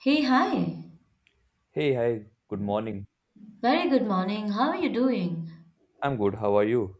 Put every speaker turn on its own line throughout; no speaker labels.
Hey, hi.
Hey, hi, good morning.
Very good morning. How are you doing?
I'm good. How are you?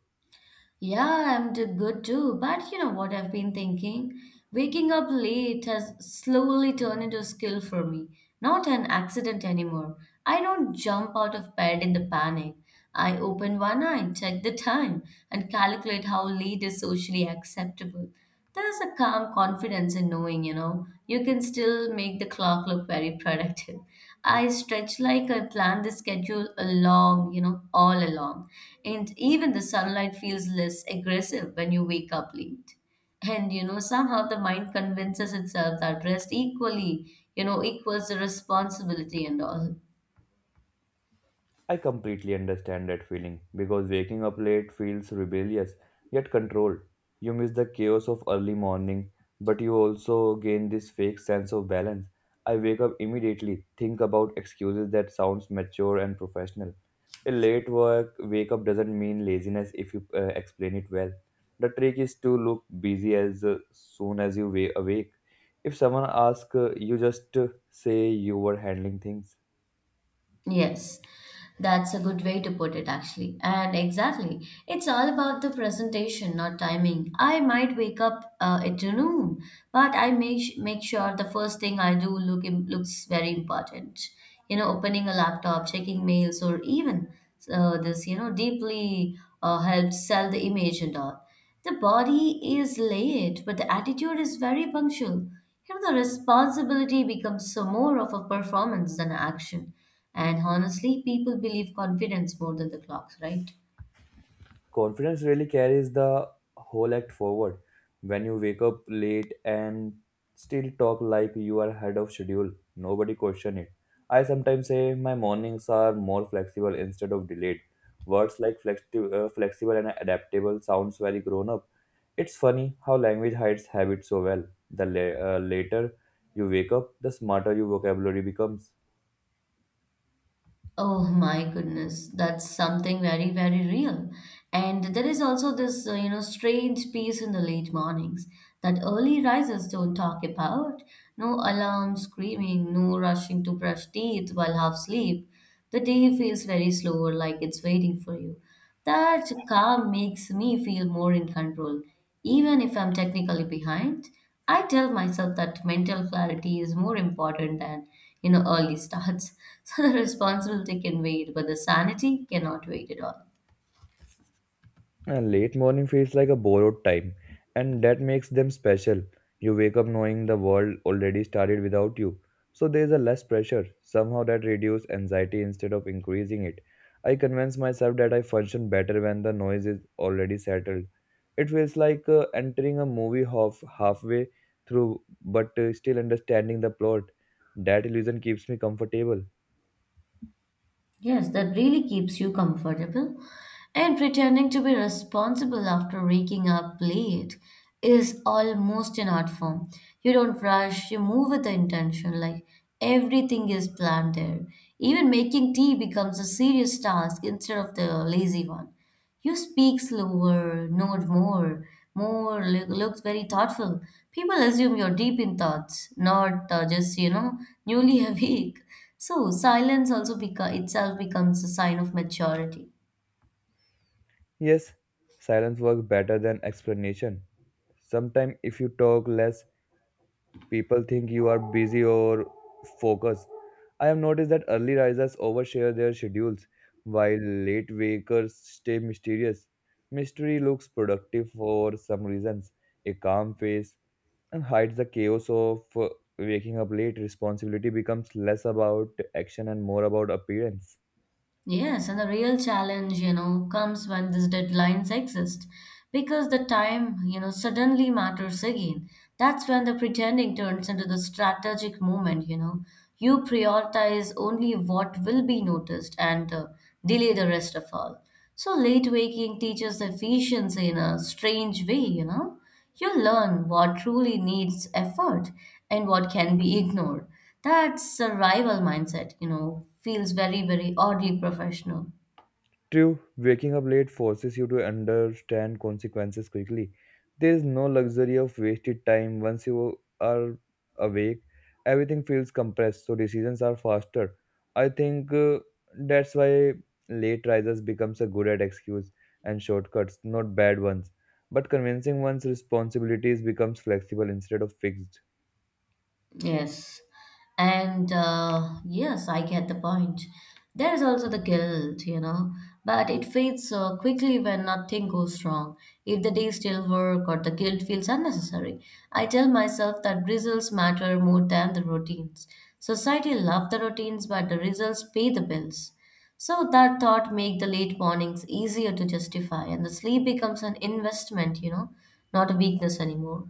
Yeah, good too. But you know what I've been thinking? Waking up late has slowly turned into a skill for me, not an accident anymore. I don't jump out of bed in the panic. I open one eye, check the time, and calculate how late is socially acceptable. There's a calm confidence in knowing, you know, you can still make the clock look very productive. I stretch like I plan the schedule along, you know, all along. And even the sunlight feels less aggressive when you wake up late. And, you know, somehow the mind convinces itself that rest equally, you know, equals the responsibility and all.
I completely understand that feeling because waking up late feels rebellious yet controlled. You miss the chaos of early morning, but you also gain this fake sense of balance. I wake up immediately, think about excuses that sounds mature and professional. A late work wake up doesn't mean laziness if you explain it well. The trick is to look busy as soon as you awake. If someone asks, you just say you were handling things.
Yes, that's a good way to put it, actually. And exactly, it's all about the presentation, not timing. I might wake up at noon, but I make sure the first thing I do looks very important. You know, opening a laptop, checking mails, or even this, you know, deeply helps sell the image and all. The body is late, but the attitude is very punctual. You know, the responsibility becomes so more of a performance than action. And honestly, people believe confidence more than the clocks, right?
Confidence really carries the whole act forward. When you wake up late and still talk like you are ahead of schedule, nobody question it. I sometimes say my mornings are more flexible instead of delayed. Words like flexible and adaptable sounds very grown up. It's funny how language hides habits so well. The later you wake up, the smarter your vocabulary becomes.
Oh my goodness, that's something very, very real. And there is also this, you know, strange peace in the late mornings that early risers don't talk about. No alarm screaming, no rushing to brush teeth while half asleep. The day feels very slower, like it's waiting for you. That calm makes me feel more in control, even if I'm technically behind. I tell myself that mental clarity is more important than, you know, early starts. So the responsibility can wait, but the sanity cannot wait at all.
And late morning feels like a borrowed time, and that makes them special. You wake up knowing the world already started without you. So there's a less pressure. Somehow that reduces anxiety instead of increasing it. I convince myself that I function better when the noise is already settled. It feels like entering a movie halfway through but still understanding the plot. That illusion keeps me comfortable.
Yes, that really keeps you comfortable. And pretending to be responsible after waking up late is almost an art form. You don't rush, you move with the intention, like everything is planned there. Even making tea becomes a serious task instead of the lazy one. You speak slower, nod more, looks very thoughtful. People assume you're deep in thoughts, not just you know newly awake. So silence also itself becomes a sign of maturity.
Yes, silence works better than explanation. Sometimes if you talk less, people think you are busy or focused. I have noticed that early risers overshare their schedules while late wakers stay mysterious. Mystery looks productive for some reasons, a calm face, and hides the chaos of waking up late. Responsibility becomes less about action and more about appearance.
Yes, and the real challenge, you know, comes when these deadlines exist because the time, you know, suddenly matters again. That's when the pretending turns into the strategic moment, you know. You prioritize only what will be noticed and delay the rest of all. So late waking teaches efficiency in a strange way, you know. You learn what truly needs effort and what can be ignored. That survival mindset, you know, feels very, very oddly professional.
True, waking up late forces you to understand consequences quickly. There is no luxury of wasted time once you are awake. Everything feels compressed, so decisions are faster. I think that's why late risers becomes a good at excuse and shortcuts, not bad ones. But convincing one's responsibilities becomes flexible instead of fixed.
Yes. And yes, I get the point. There is also the guilt, you know, but it fades quickly when nothing goes wrong. If the day still work or the guilt feels unnecessary, I tell myself that results matter more than the routines. Society love the routines, but the results pay the bills. So that thought make the late mornings easier to justify, and the sleep becomes an investment, you know, not a weakness anymore.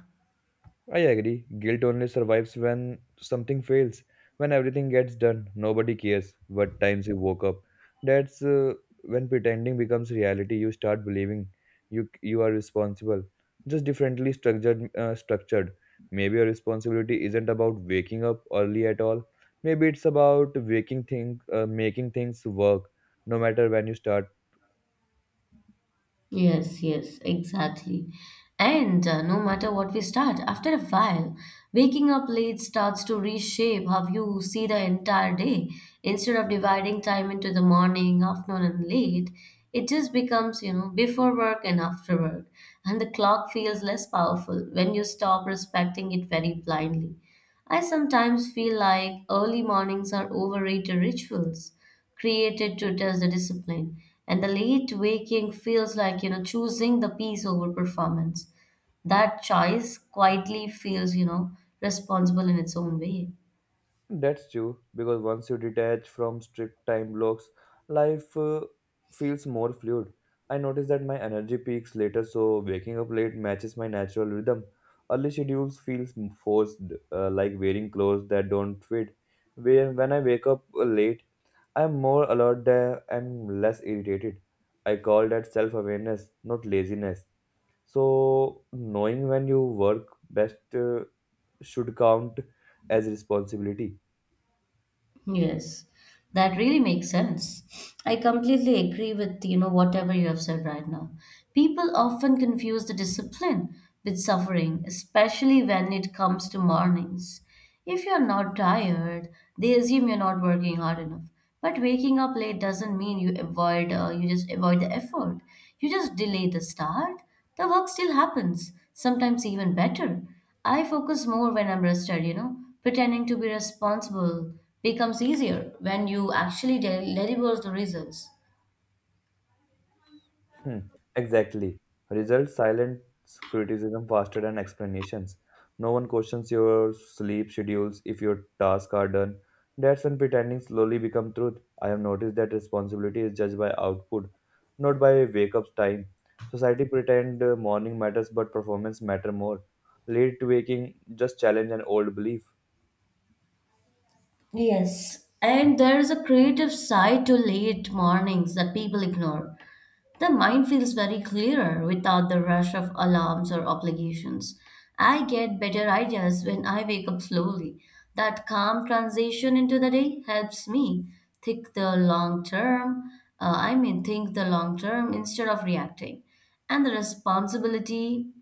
I agree. Guilt only survives when something fails. When everything gets done, nobody cares what times you woke up. That's When pretending becomes reality. You start believing you are responsible, just differently structured. Maybe your responsibility isn't about waking up early at all. Maybe it's about making things work, no matter when you start.
Yes, yes, exactly. And no matter what we start, after a while, waking up late starts to reshape how you see the entire day. Instead of dividing time into the morning, afternoon, and late, it just becomes, you know, before work and after work. And the clock feels less powerful when you stop respecting it very blindly. I sometimes feel like early mornings are overrated rituals created to test the discipline, and the late waking feels like you know choosing the peace over performance. That choice quietly feels you know responsible in its own way.
That's true, because once you detach from strict time blocks, life feels more fluid. I notice that my energy peaks later, so waking up late matches my natural rhythm. Early schedules feels forced, like wearing clothes that don't fit. Where when I wake up late, I'm more alert there and less irritated. I call that self-awareness, not laziness. So knowing when you work best should count as responsibility.
Yes, that really makes sense. I completely agree with, you know, whatever you have said right now. People often confuse the discipline with suffering, especially when it comes to mornings. If you're not tired, they assume you're not working hard enough. But waking up late doesn't mean you just avoid the effort. You just delay the start. The work still happens, sometimes even better. I focus more when I'm rested, you know. Pretending to be responsible becomes easier when you actually deliver the results.
Hmm, exactly. Results silence criticism faster than explanations. No one questions your sleep schedules if your tasks are done. That's when pretending slowly become truth. I have noticed that responsibility is judged by output, not by wake up time. Society pretend morning matters but performance matter more. Late waking just challenge an old belief.
Yes, and there is a creative side to late mornings that people ignore. The mind feels very clearer without the rush of alarms or obligations. I get better ideas when I wake up slowly. That calm transition into the day helps me think the long term, I mean, think the long term instead of reacting. And the responsibility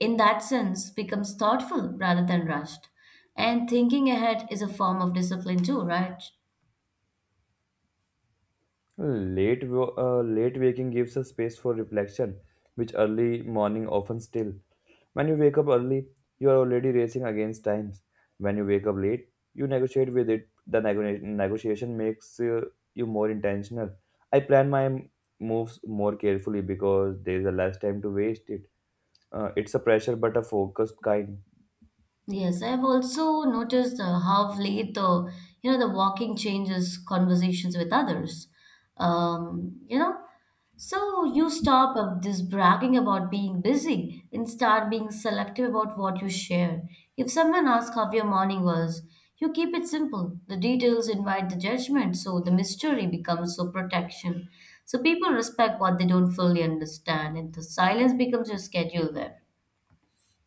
in that sense becomes thoughtful rather than rushed. And thinking ahead is a form of discipline too, right?
Late waking gives us space for reflection, which early morning often still. When you wake up early, you are already racing against times. When you wake up late, you negotiate with it. The negotiation makes you more intentional. I plan my moves more carefully because there is a less time to waste it. It's a pressure, but a focused kind.
Yes, I've also noticed how of late the you know the walking changes conversations with others. You know, so you stop this bragging about being busy and start being selective about what you share. If someone asks how your morning was, you keep it simple. The details invite the judgment, so the mystery becomes so protection. So people respect what they don't fully understand, and the silence becomes your schedule there.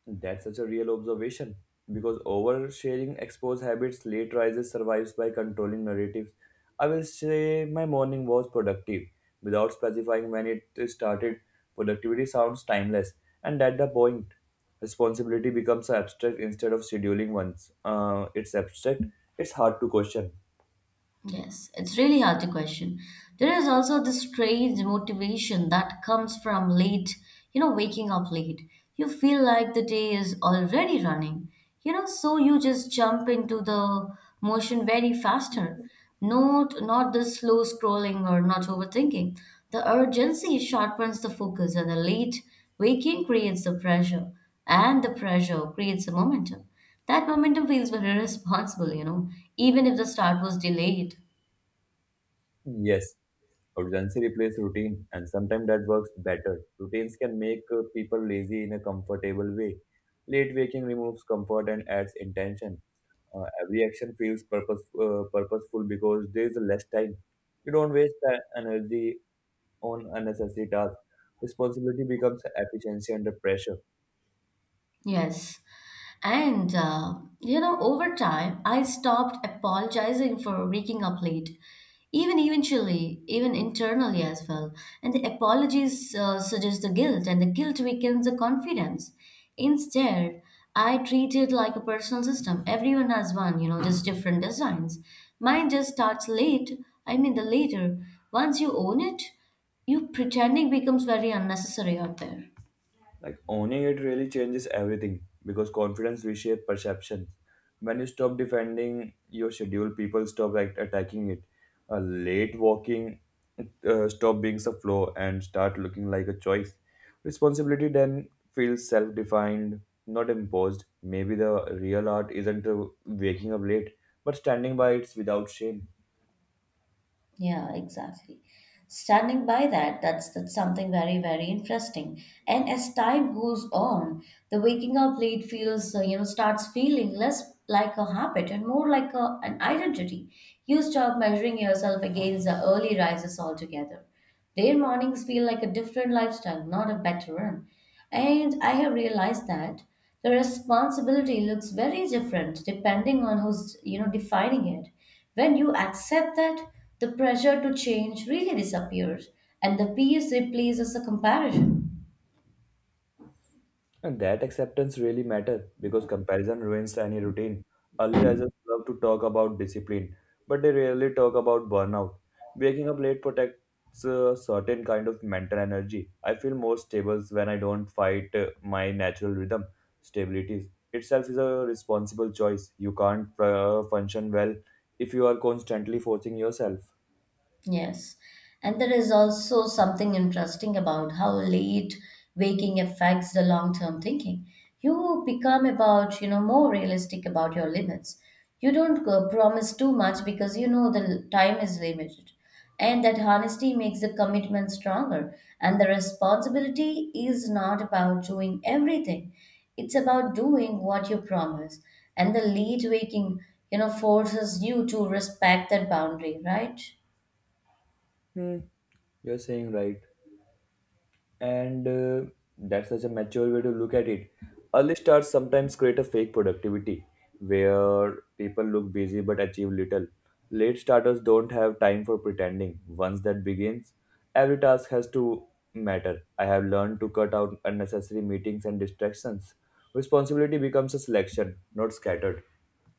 That's such a real observation because oversharing expose habits late rises survives by controlling narratives. I will say my morning was productive without specifying when it started. Productivity sounds timeless, and at the point, responsibility becomes abstract instead of scheduling once. It's abstract, it's hard to question.
Yes, it's really hard to question. There is also this strange motivation that comes from late, you know, waking up late. You feel like the day is already running, you know, so you just jump into the motion very faster. Not the slow scrolling or not overthinking. The urgency sharpens the focus and the late waking creates the pressure and the pressure creates the momentum. That momentum feels very responsible, you know, even if the start was delayed.
Yes, urgency replaces routine, and sometimes that works better. Routines can make people lazy in a comfortable way. Late waking removes comfort and adds intention. Every action feels purposeful because there is less time. You don't waste the energy on unnecessary tasks. Responsibility becomes efficiency under pressure.
Yes. And, you know, over time, I stopped apologizing for waking up late, even eventually, even internally as well. And the apologies suggest the guilt, and the guilt weakens the confidence. Instead, I treat it like a personal system. Everyone has one, you know, just different designs. Mine just starts late, I mean, the later. Once you own it, you pretending becomes very unnecessary out there.
Like owning it really changes everything because confidence reshapes perceptions. When you stop defending your schedule, people stop like attacking it. A late walking stop being a flaw and start looking like a choice. Responsibility then feels self-defined, not imposed. Maybe the real art isn't waking up late, but standing by it without shame.
Yeah, exactly. Standing by that, that's something very, very interesting. And as time goes on, the waking up late feels, you know, starts feeling less like a habit and more like a, an identity. You stop measuring yourself against the early rises altogether. Their mornings feel like a different lifestyle, not a better one. And I have realized that the responsibility looks very different depending on who's, you know, defining it. When you accept that, the pressure to change really disappears and the peace replaces the comparison.
And that acceptance really matters because comparison ruins any routine. Early risers love to talk about discipline, but they rarely talk about burnout. Waking up late protects a certain kind of mental energy. I feel more stable when I don't fight my natural rhythm. Stability itself is a responsible choice. You can't function well if you are constantly forcing yourself.
Yes. And there is also something interesting about how late waking affects the long-term thinking. You become about, you know, more realistic about your limits. You don't go promise too much because you know the time is limited. And that honesty makes the commitment stronger. And the responsibility is not about doing everything. It's about doing what you promise. And the late waking, you know, forces you to respect that boundary, right?
Hmm, you're saying right. and That's such a mature way to look at it. Early starts sometimes create a fake productivity where people look busy but achieve little. Late starters don't have time for pretending. Once that begins, every task has to matter. I have learned to cut out unnecessary meetings and distractions. Responsibility becomes a selection, not scattered.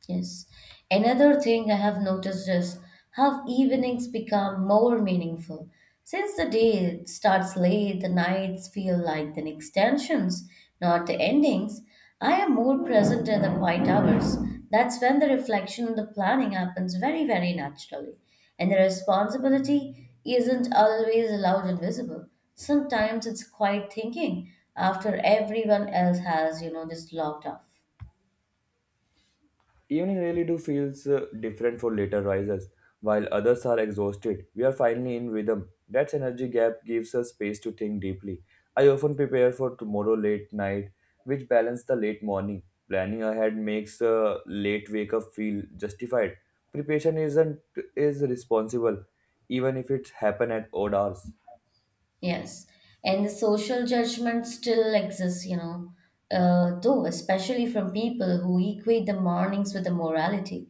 Yes. Another thing I have noticed is how evenings become more meaningful. Since the day starts late, the nights feel like the extensions, not the endings. I am more present in the quiet hours. That's when the reflection and the planning happens very, very naturally. And the responsibility isn't always loud and visible. Sometimes it's quiet thinking after everyone else has, you know, just logged off.
Evening really do feels different for later risers. While others are exhausted, we are finally in rhythm. That energy gap gives us space to think deeply. I often prepare for tomorrow late night, which balance the late morning. Planning ahead makes a late wake up feel justified. Preparation isn't is responsible, even if it happen at odd hours.
Yes, and the social judgment still exists, you know, though, especially from people who equate the mornings with the morality.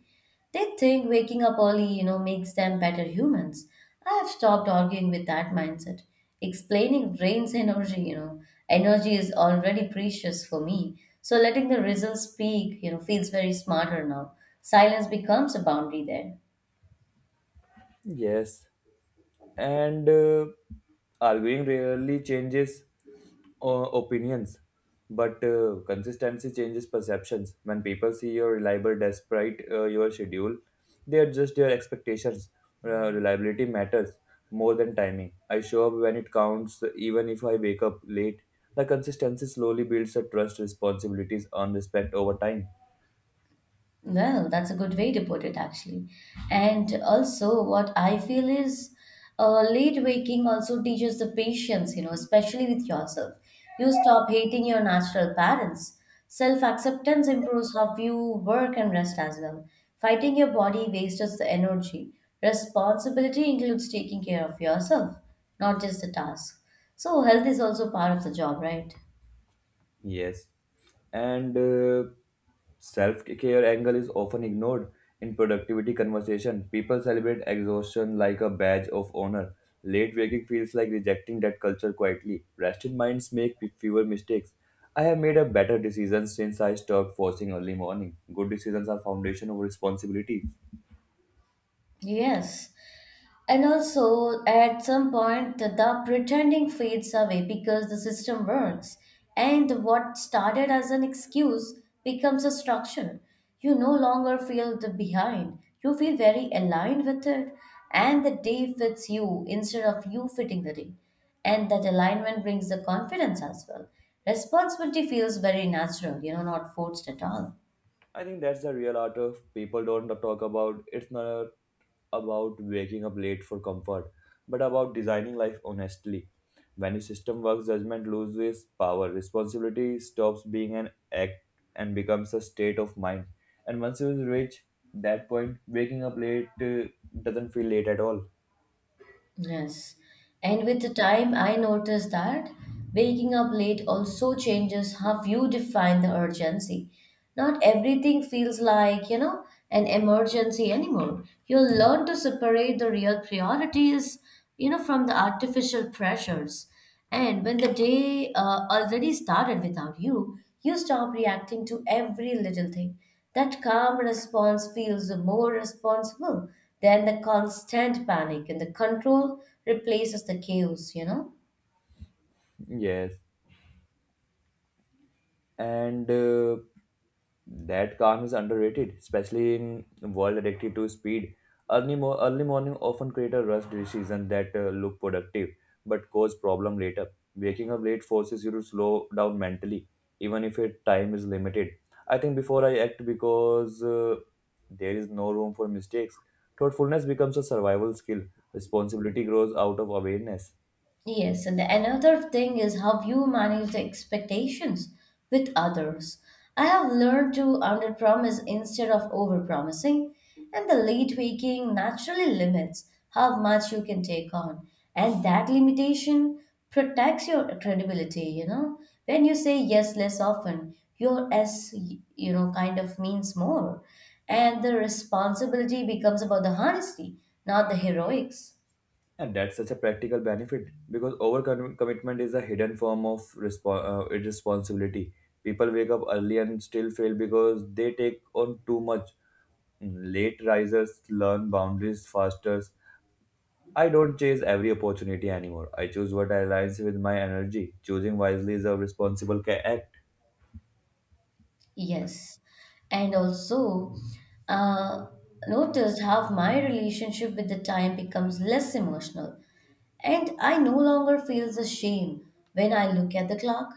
They think waking up early, you know, makes them better humans. I have stopped arguing with that mindset. Explaining drains energy, you know, energy is already precious for me. So letting the results speak, you know, feels very smarter now. Silence becomes a boundary there.
Yes, and arguing rarely changes opinions, but consistency changes perceptions. When people see your reliable despite your schedule, they adjust their expectations. Reliability matters more than timing. I show up when it counts, even if I wake up late. The consistency slowly builds a trust, responsibilities, and respect over time.
Well, that's a good way to put it, actually. And also, what I feel is late waking also teaches the patience, you know, especially with yourself. You stop hating your natural parents. Self acceptance improves how you work and rest as well. Fighting your body wastes the energy. Responsibility includes taking care of yourself, not just the task. So, health is also part of the job, right?
Yes, and self care angle is often ignored in productivity conversation. People celebrate exhaustion like a badge of honor. Late waking feels like rejecting that culture quietly. Rested minds make fewer mistakes. I have made a better decision since I stopped forcing early morning. Good decisions are foundation of responsibility.
Yes. And also, at some point, the pretending fades away because the system works, and what started as an excuse becomes a structure. You no longer feel the behind, you feel very aligned with it, and the day fits you instead of you fitting the day. And that alignment brings the confidence as well. Responsibility feels very natural, you know, not forced at all.
I think that's the real art of people don't talk about. It's not about waking up late for comfort, but about designing life honestly. When a system works, judgment loses power. Responsibility stops being an act and becomes a state of mind. And once you reach that point, waking up late doesn't feel late at all.
Yes. And with the time, I noticed that waking up late also changes how you define the urgency. Not everything feels like, you know, an emergency anymore. You'll learn to separate the real priorities, you know, from the artificial pressures. And when the day already started without you, you stop reacting to every little thing. That calm response feels more responsible than the constant panic, and the control replaces the chaos, you know?
Yes. and That calm is underrated, especially in world addicted to speed. Early morning often create a rush decision that look productive but cause problem later. Waking up late forces you to slow down mentally, even if your time is limited. I think before I act because there is no room for mistakes. Thoughtfulness becomes a survival skill. Responsibility grows out of awareness.
Yes, and another thing is how you manage the expectations with others. I have learned to underpromise instead of overpromising, and the late waking naturally limits how much you can take on, and that limitation protects your credibility. You know, when you say yes less often, your s you know kind of means more, and the responsibility becomes about the honesty, not the heroics.
And that's such a practical benefit because overcommitment is a hidden form of irresponsibility. People wake up early and still fail because they take on too much. Late risers learn boundaries faster. I don't chase every opportunity anymore. I choose what aligns with my energy. Choosing wisely is a responsible act.
Yes. And also, uh, noticed how my relationship with the time becomes less emotional. And I no longer feel the shame when I look at the clock.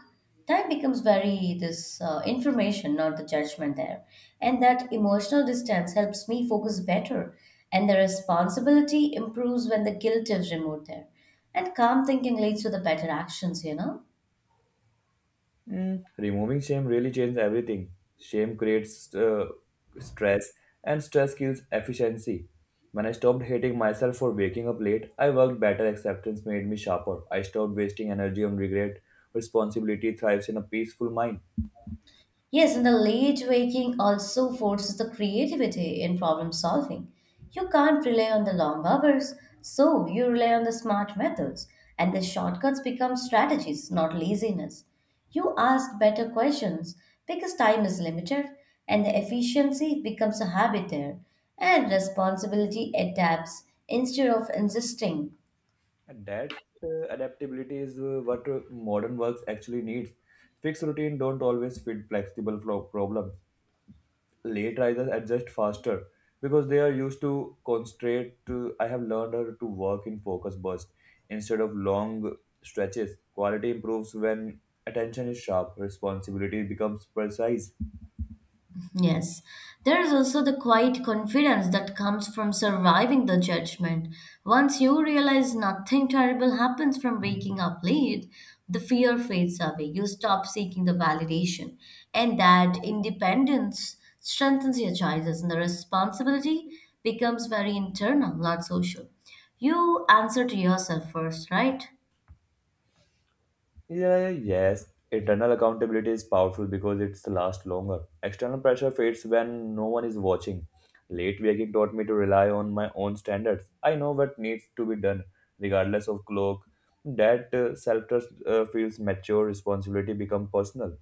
Time becomes very this information, not the judgment there. And that emotional distance helps me focus better. And the responsibility improves when the guilt is removed there. And calm thinking leads to the better actions, you know?
Mm, removing shame really changes everything. Shame creates stress, and stress kills efficiency. When I stopped hating myself for waking up late, I worked better. Acceptance made me sharper. I stopped wasting energy on regret. Responsibility thrives in a peaceful mind.
Yes, and the late waking also forces the creativity in problem solving. You can't rely on the long hours, so you rely on the smart methods, and the shortcuts become strategies, not laziness. You ask better questions because time is limited, and the efficiency becomes a habit there, and responsibility adapts instead of insisting.
And that adaptability is what modern works actually needs. Fixed routine don't always fit flexible flow problems. Late risers adjust faster because they are used to concentrate to I have learned how to work in focus bursts instead of long stretches. Quality improves when attention is sharp. Responsibility becomes precise.
Yes, there is also the quiet confidence that comes from surviving the judgment. Once you realize nothing terrible happens from waking up late, the fear fades away. You stop seeking the validation, and that independence strengthens your choices, and the responsibility becomes very internal, not social. You answer to yourself first, right?
Yeah, yes. Internal accountability is powerful because it's lasts longer. External pressure fades when no one is watching. Late waking taught me to rely on my own standards. I know what needs to be done, regardless of clock. That self trust feels mature, responsibility become personal.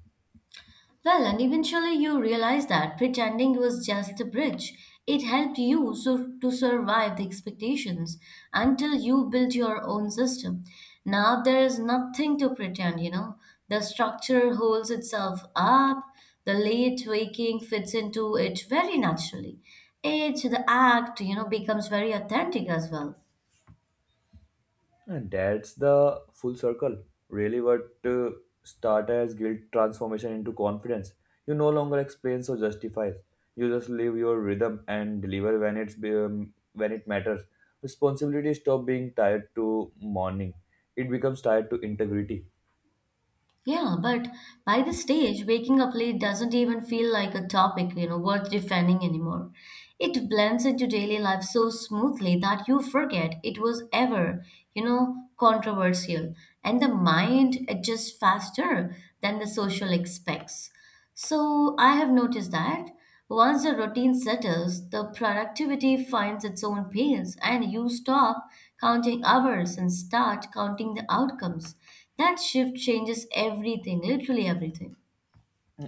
Well, and eventually you realize that pretending was just a bridge. It helped you to survive the expectations until you built your own system. Now there is nothing to pretend, you know. The structure holds itself up, the late waking fits into it very naturally. It, the act, you know, becomes very authentic as well.
And that's the full circle. Really, what started as guilt transformation into confidence. You no longer explain or justify. You just live your rhythm and deliver when when it matters. Responsibility stop being tied to mourning. It becomes tied to integrity.
Yeah, but by this stage, waking up late doesn't even feel like a topic, you know, worth defending anymore. It blends into daily life so smoothly that you forget it was ever, you know, controversial, and the mind adjusts faster than the social expects. So I have noticed that once the routine settles, the productivity finds its own pace, and you stop counting hours and start counting the outcomes. That shift changes everything, literally everything.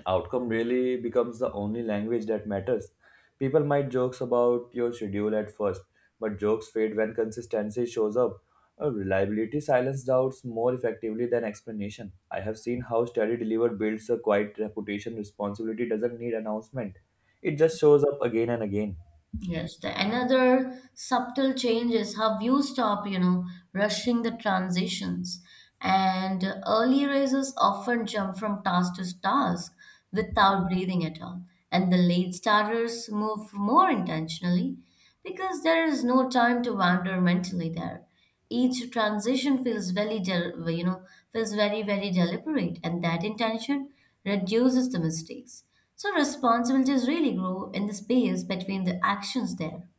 Outcome really becomes the only language that matters. People might jokes about your schedule at first, but jokes fade when consistency shows up. Reliability silences doubts more effectively than explanation. I have seen how steady deliver builds a quiet reputation. Responsibility doesn't need announcement; it just shows up again and again.
Yes, the another subtle change is how you stop, you know, rushing the transitions. And early risers often jump from task to task without breathing at all. And the late starters move more intentionally because there is no time to wander mentally there. Each transition feels very del- you know feels very deliberate, and that intention reduces the mistakes. So responsibilities really grow in the space between the actions there.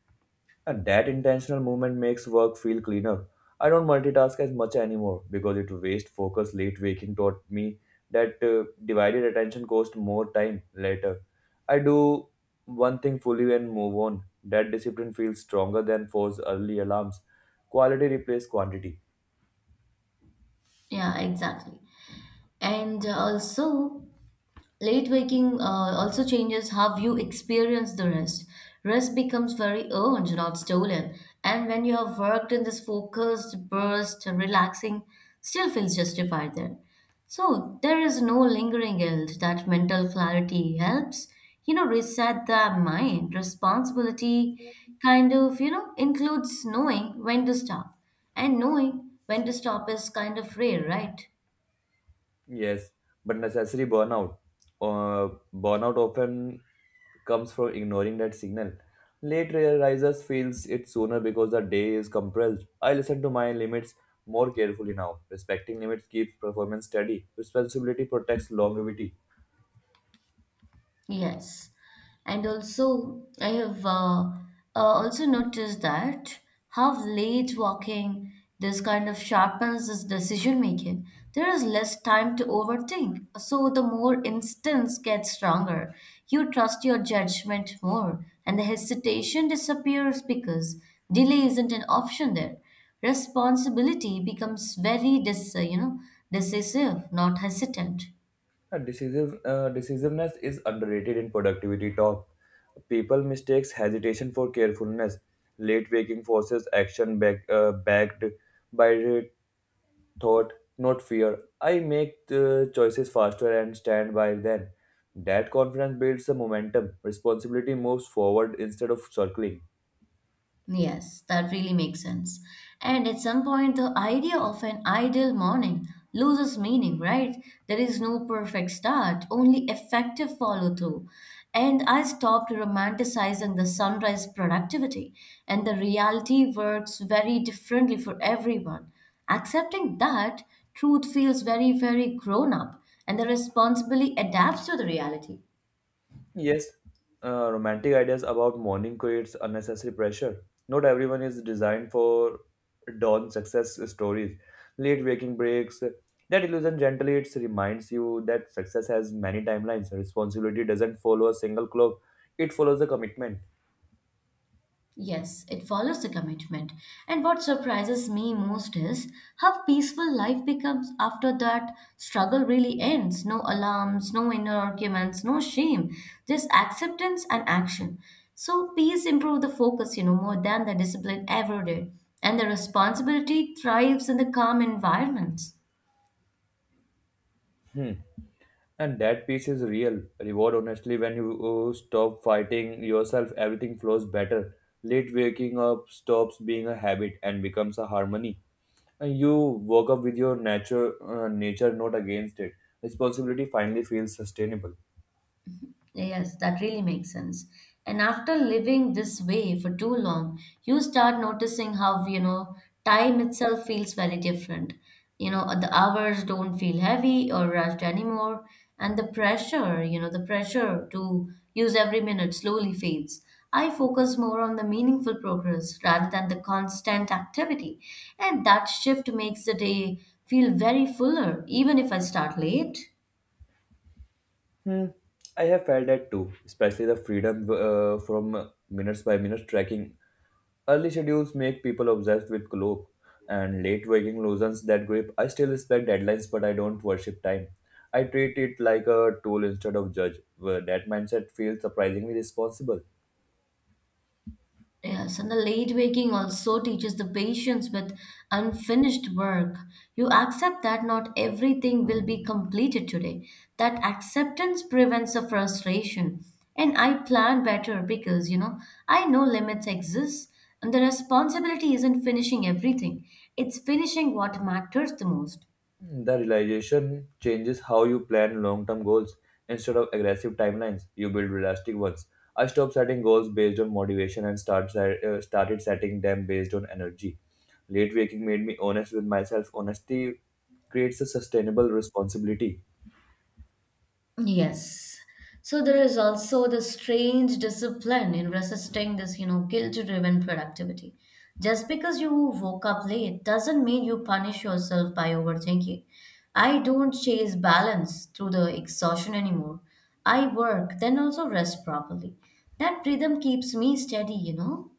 And that intentional movement makes work feel cleaner. I don't multitask as much anymore because it wastes focus. Late waking taught me that divided attention costs more time later. I do one thing fully and move on. That discipline feels stronger than forced early alarms. Quality replaces quantity.
Yeah, exactly. And also, late waking also changes how you experience the rest. Rest becomes very earned, not stolen. And when you have worked in this focused, burst, and relaxing, still feels justified then, so there is no lingering guilt. That mental clarity helps, you know, reset the mind. Responsibility kind of, you know, includes knowing when to stop. And knowing when to stop is kind of rare, right?
Yes, but necessary burnout. Uh, Burnout often comes from ignoring that signal. Late risers feels it sooner because the day is compressed. I listen to my limits more carefully now. Respecting limits keeps performance steady. Responsibility protects longevity.
Yes, and also I have also noticed that how late walking this kind of sharpens this decision making. There is less time to overthink, so the more instance gets stronger. You trust your judgment more, and the hesitation disappears because delay isn't an option there. Responsibility becomes very you know, decisive, not hesitant.
Decisiveness is underrated in productivity talk. People mistakes hesitation for carefulness. Late waking forces action backed by thought, not fear. I make the choices faster and stand by them. That confidence builds the momentum. Responsibility moves forward instead of circling.
Yes, that really makes sense. And at some point, the idea of an ideal morning loses meaning, right? There is no perfect start, only effective follow through. And I stopped romanticizing the sunrise productivity, and the reality works very differently for everyone. Accepting that, truth feels very, very grown up, and the responsibility adapts to the reality.
Yes, romantic ideas about morning creates unnecessary pressure. Not everyone is designed for dawn success stories. Late waking breaks. That illusion gently it reminds you that success has many timelines. Responsibility doesn't follow a single clock. It follows a commitment.
Yes, it follows the commitment. And what surprises me most is how peaceful life becomes after that struggle really ends. No alarms, no inner arguments, no shame, just acceptance and action. So peace improves the focus, you know, more than the discipline ever did. And the responsibility thrives in the calm environments.
Hmm. And that peace is real reward, honestly. When you stop fighting yourself, everything flows better. Late waking up stops being a habit and becomes a harmony. And you woke up with your nature not against it. Responsibility finally feels sustainable.
Yes, that really makes sense. And after living this way for too long, you start noticing how, you know, time itself feels very different. You know, the hours don't feel heavy or rushed anymore. And the pressure, you know, the pressure to use every minute slowly fades. I focus more on the meaningful progress rather than the constant activity. And that shift makes the day feel very fuller, even if I start late.
Hmm. I have felt that too, especially the freedom from minutes by minute tracking. Early schedules make people obsessed with clock, and late waking loosens that grip. I still respect deadlines, but I don't worship time. I treat it like a tool instead of judge. Well, that mindset feels surprisingly responsible.
Yes, and the late waking also teaches the patience with unfinished work. You accept that not everything will be completed today. That acceptance prevents the frustration. And I plan better because, you know, I know limits exist and the responsibility isn't finishing everything, it's finishing what matters the most.
The realization changes how you plan long-term goals. Instead of aggressive timelines, you build realistic ones. I stopped setting goals based on motivation and started setting them based on energy. Late waking made me honest with myself. Honesty creates a sustainable responsibility.
Yes. So there is also the strange discipline in resisting this, you know, guilt-driven productivity. Just because you woke up late doesn't mean you punish yourself by overthinking. I don't chase balance through the exhaustion anymore. I work, then also rest properly. That rhythm keeps me steady, you know.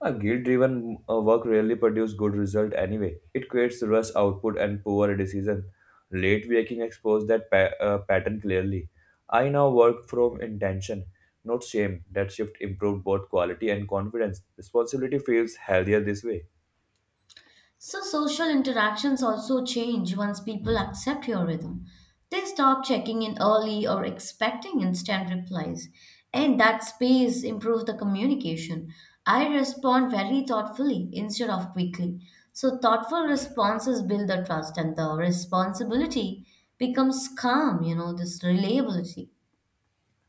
A guilt-driven work rarely produces good result anyway. It creates rush output and poor decision. Late waking exposed that pattern clearly. I now work from intention, not shame. That shift improved both quality and confidence. Responsibility feels healthier this way.
So, social interactions also change once people accept your rhythm. They stop checking in early or expecting instant replies. And that space improves the communication. I respond very thoughtfully instead of quickly. So, thoughtful responses build the trust, and the responsibility becomes calm, you know, this reliability.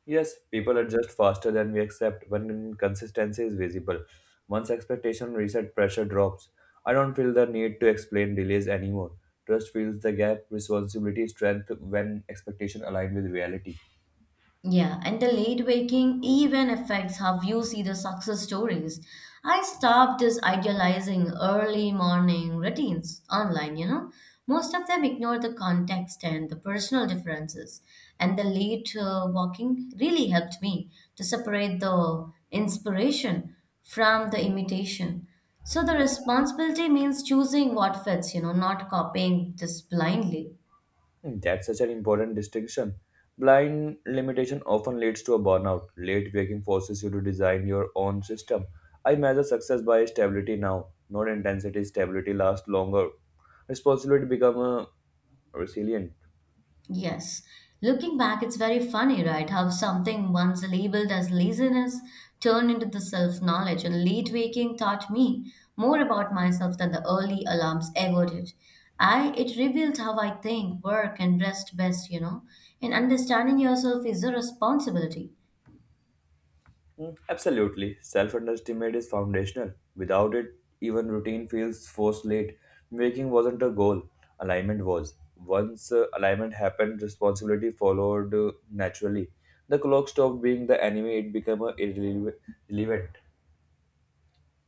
Yes, people adjust faster than we accept when inconsistency is visible. Once expectation reset pressure drops, I don't feel the need to explain delays anymore. Trust fills the gap, responsibility strength when expectation aligned with reality.
Yeah, and the late waking even affects how you see the success stories. I stopped this idealizing early morning routines online, you know. Most of them ignore the context and the personal differences. And the late walking really helped me to separate the inspiration from the imitation. So the responsibility means choosing what fits, you know, not copying this blindly.
Hmm. That's such an important distinction. Blind limitation often leads to a burnout. Late waking forces you to design your own system. I measure success by stability now, not intensity. Stability lasts longer. Responsibility become a resilient.
Yes. Looking back, it's very funny, right? How something once labeled as laziness turned into the self-knowledge, and late waking taught me more about myself than the early alarms ever did. I it revealed how I think, work, and rest best, you know. And understanding yourself is a responsibility.
Mm. Absolutely. Self underestimate is foundational. Without it, even routine feels forced late. Waking wasn't a goal, alignment was. Once alignment happened, responsibility followed naturally. The clock stopped being the enemy, it became a irrelevant.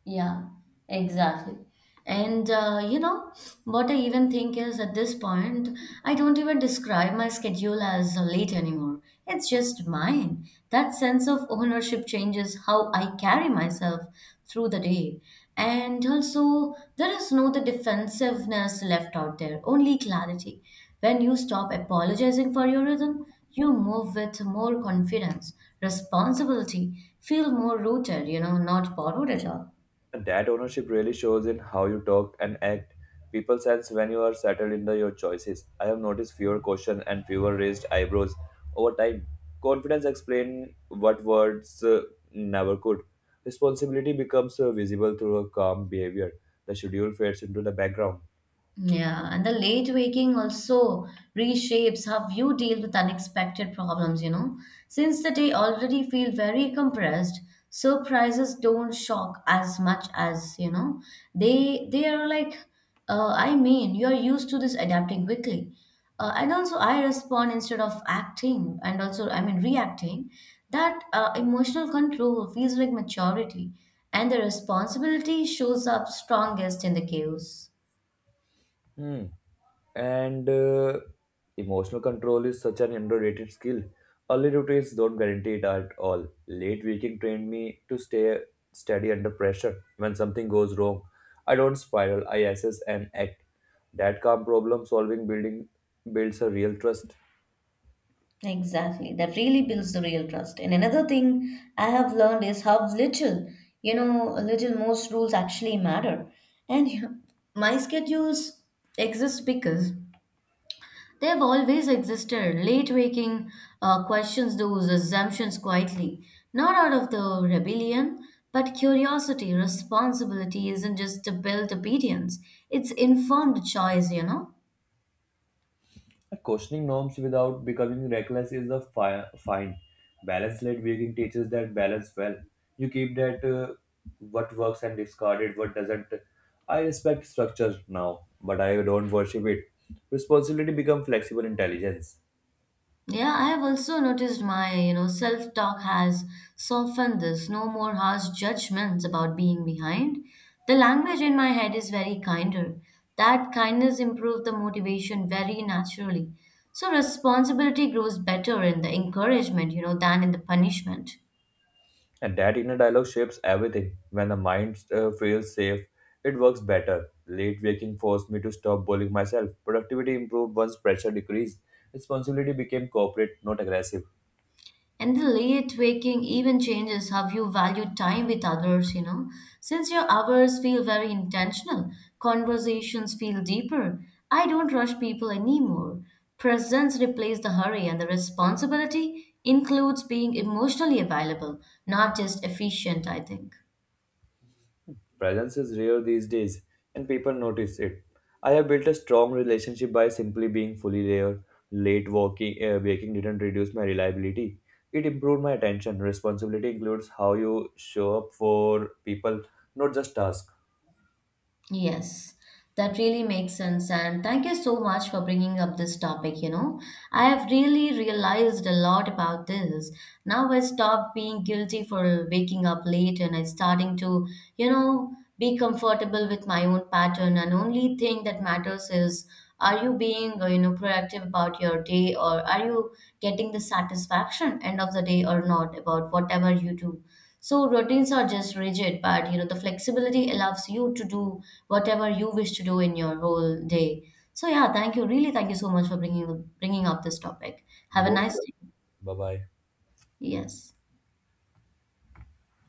Yeah, exactly. And you know, what I even think is at this point, I don't even describe my schedule as late anymore. It's just mine. That sense of ownership changes how I carry myself through the day. And also, there is no the defensiveness left out there, only clarity. When you stop apologizing for your rhythm, you move with more confidence, responsibility, feel more rooted, you know, not borrowed at all.
And that ownership really shows in how you talk and act. People sense when you are settled in your choices. I have noticed fewer questions and fewer raised eyebrows over time. Confidence explains what words never could. Responsibility becomes visible through a calm behavior. The schedule fades into the background.
Yeah, and the late waking also reshapes how you deal with unexpected problems, you know. Since the day already feel very compressed, surprises don't shock as much as, you know, they are like I mean, you are used to this adapting quickly. And also I respond instead of acting and also I mean reacting. That emotional control feels like maturity, and the responsibility shows up strongest in the chaos.
Hmm. And emotional control is such an underrated skill. Early routines don't guarantee it at all. Late waking trained me to stay steady under pressure. When something goes wrong, I don't spiral. I assess and act. That calm problem solving building builds a real trust.
Exactly. That really builds the real trust. And another thing I have learned is how little, you know, little most rules actually matter. And you know, my schedules exist because they have always existed. Late waking questions those assumptions quietly, not out of the rebellion, but curiosity. Responsibility isn't just to build obedience; it's informed choice, you know.
Questioning norms without becoming reckless is a fine. Balance led vegan teaches that balance well. You keep that what works and discard it, what doesn't. I respect structure now, but I don't worship it. Responsibility becomes flexible intelligence.
Yeah, I have also noticed my, you know, self-talk has softened this. No more harsh judgments about being behind. The language in my head is very kinder. That kindness improved the motivation very naturally. So responsibility grows better in the encouragement, you know, than in the punishment.
And that inner dialogue shapes everything. When the mind feels safe, it works better. Late waking forced me to stop bullying myself. Productivity improved once pressure decreased. Responsibility became corporate, not aggressive.
And the late waking even changes how you value time with others, you know. Since your hours feel very intentional, conversations feel deeper. I don't rush people anymore. Presence replaces the hurry, and the responsibility includes being emotionally available, not just efficient, I think.
Presence is rare these days, and people notice it. I have built a strong relationship by simply being fully there. Late waking didn't reduce my reliability. It improved my attention. Responsibility includes how you show up for people, not just tasks.
Yes, that really makes sense. And thank you so much for bringing up this topic. You know, I have really realized a lot about this. Now I stop being guilty for waking up late and I starting to, you know, be comfortable with my own pattern. And only thing that matters is are you being, you know, proactive about your day, or are you getting the satisfaction end of the day or not about whatever you do? So routines are just rigid, but you know, the flexibility allows you to do whatever you wish to do in your whole day. So yeah, thank you. Really, thank you so much for bringing up this topic. Have a
Both.
nice day.
Bye bye.
Yes.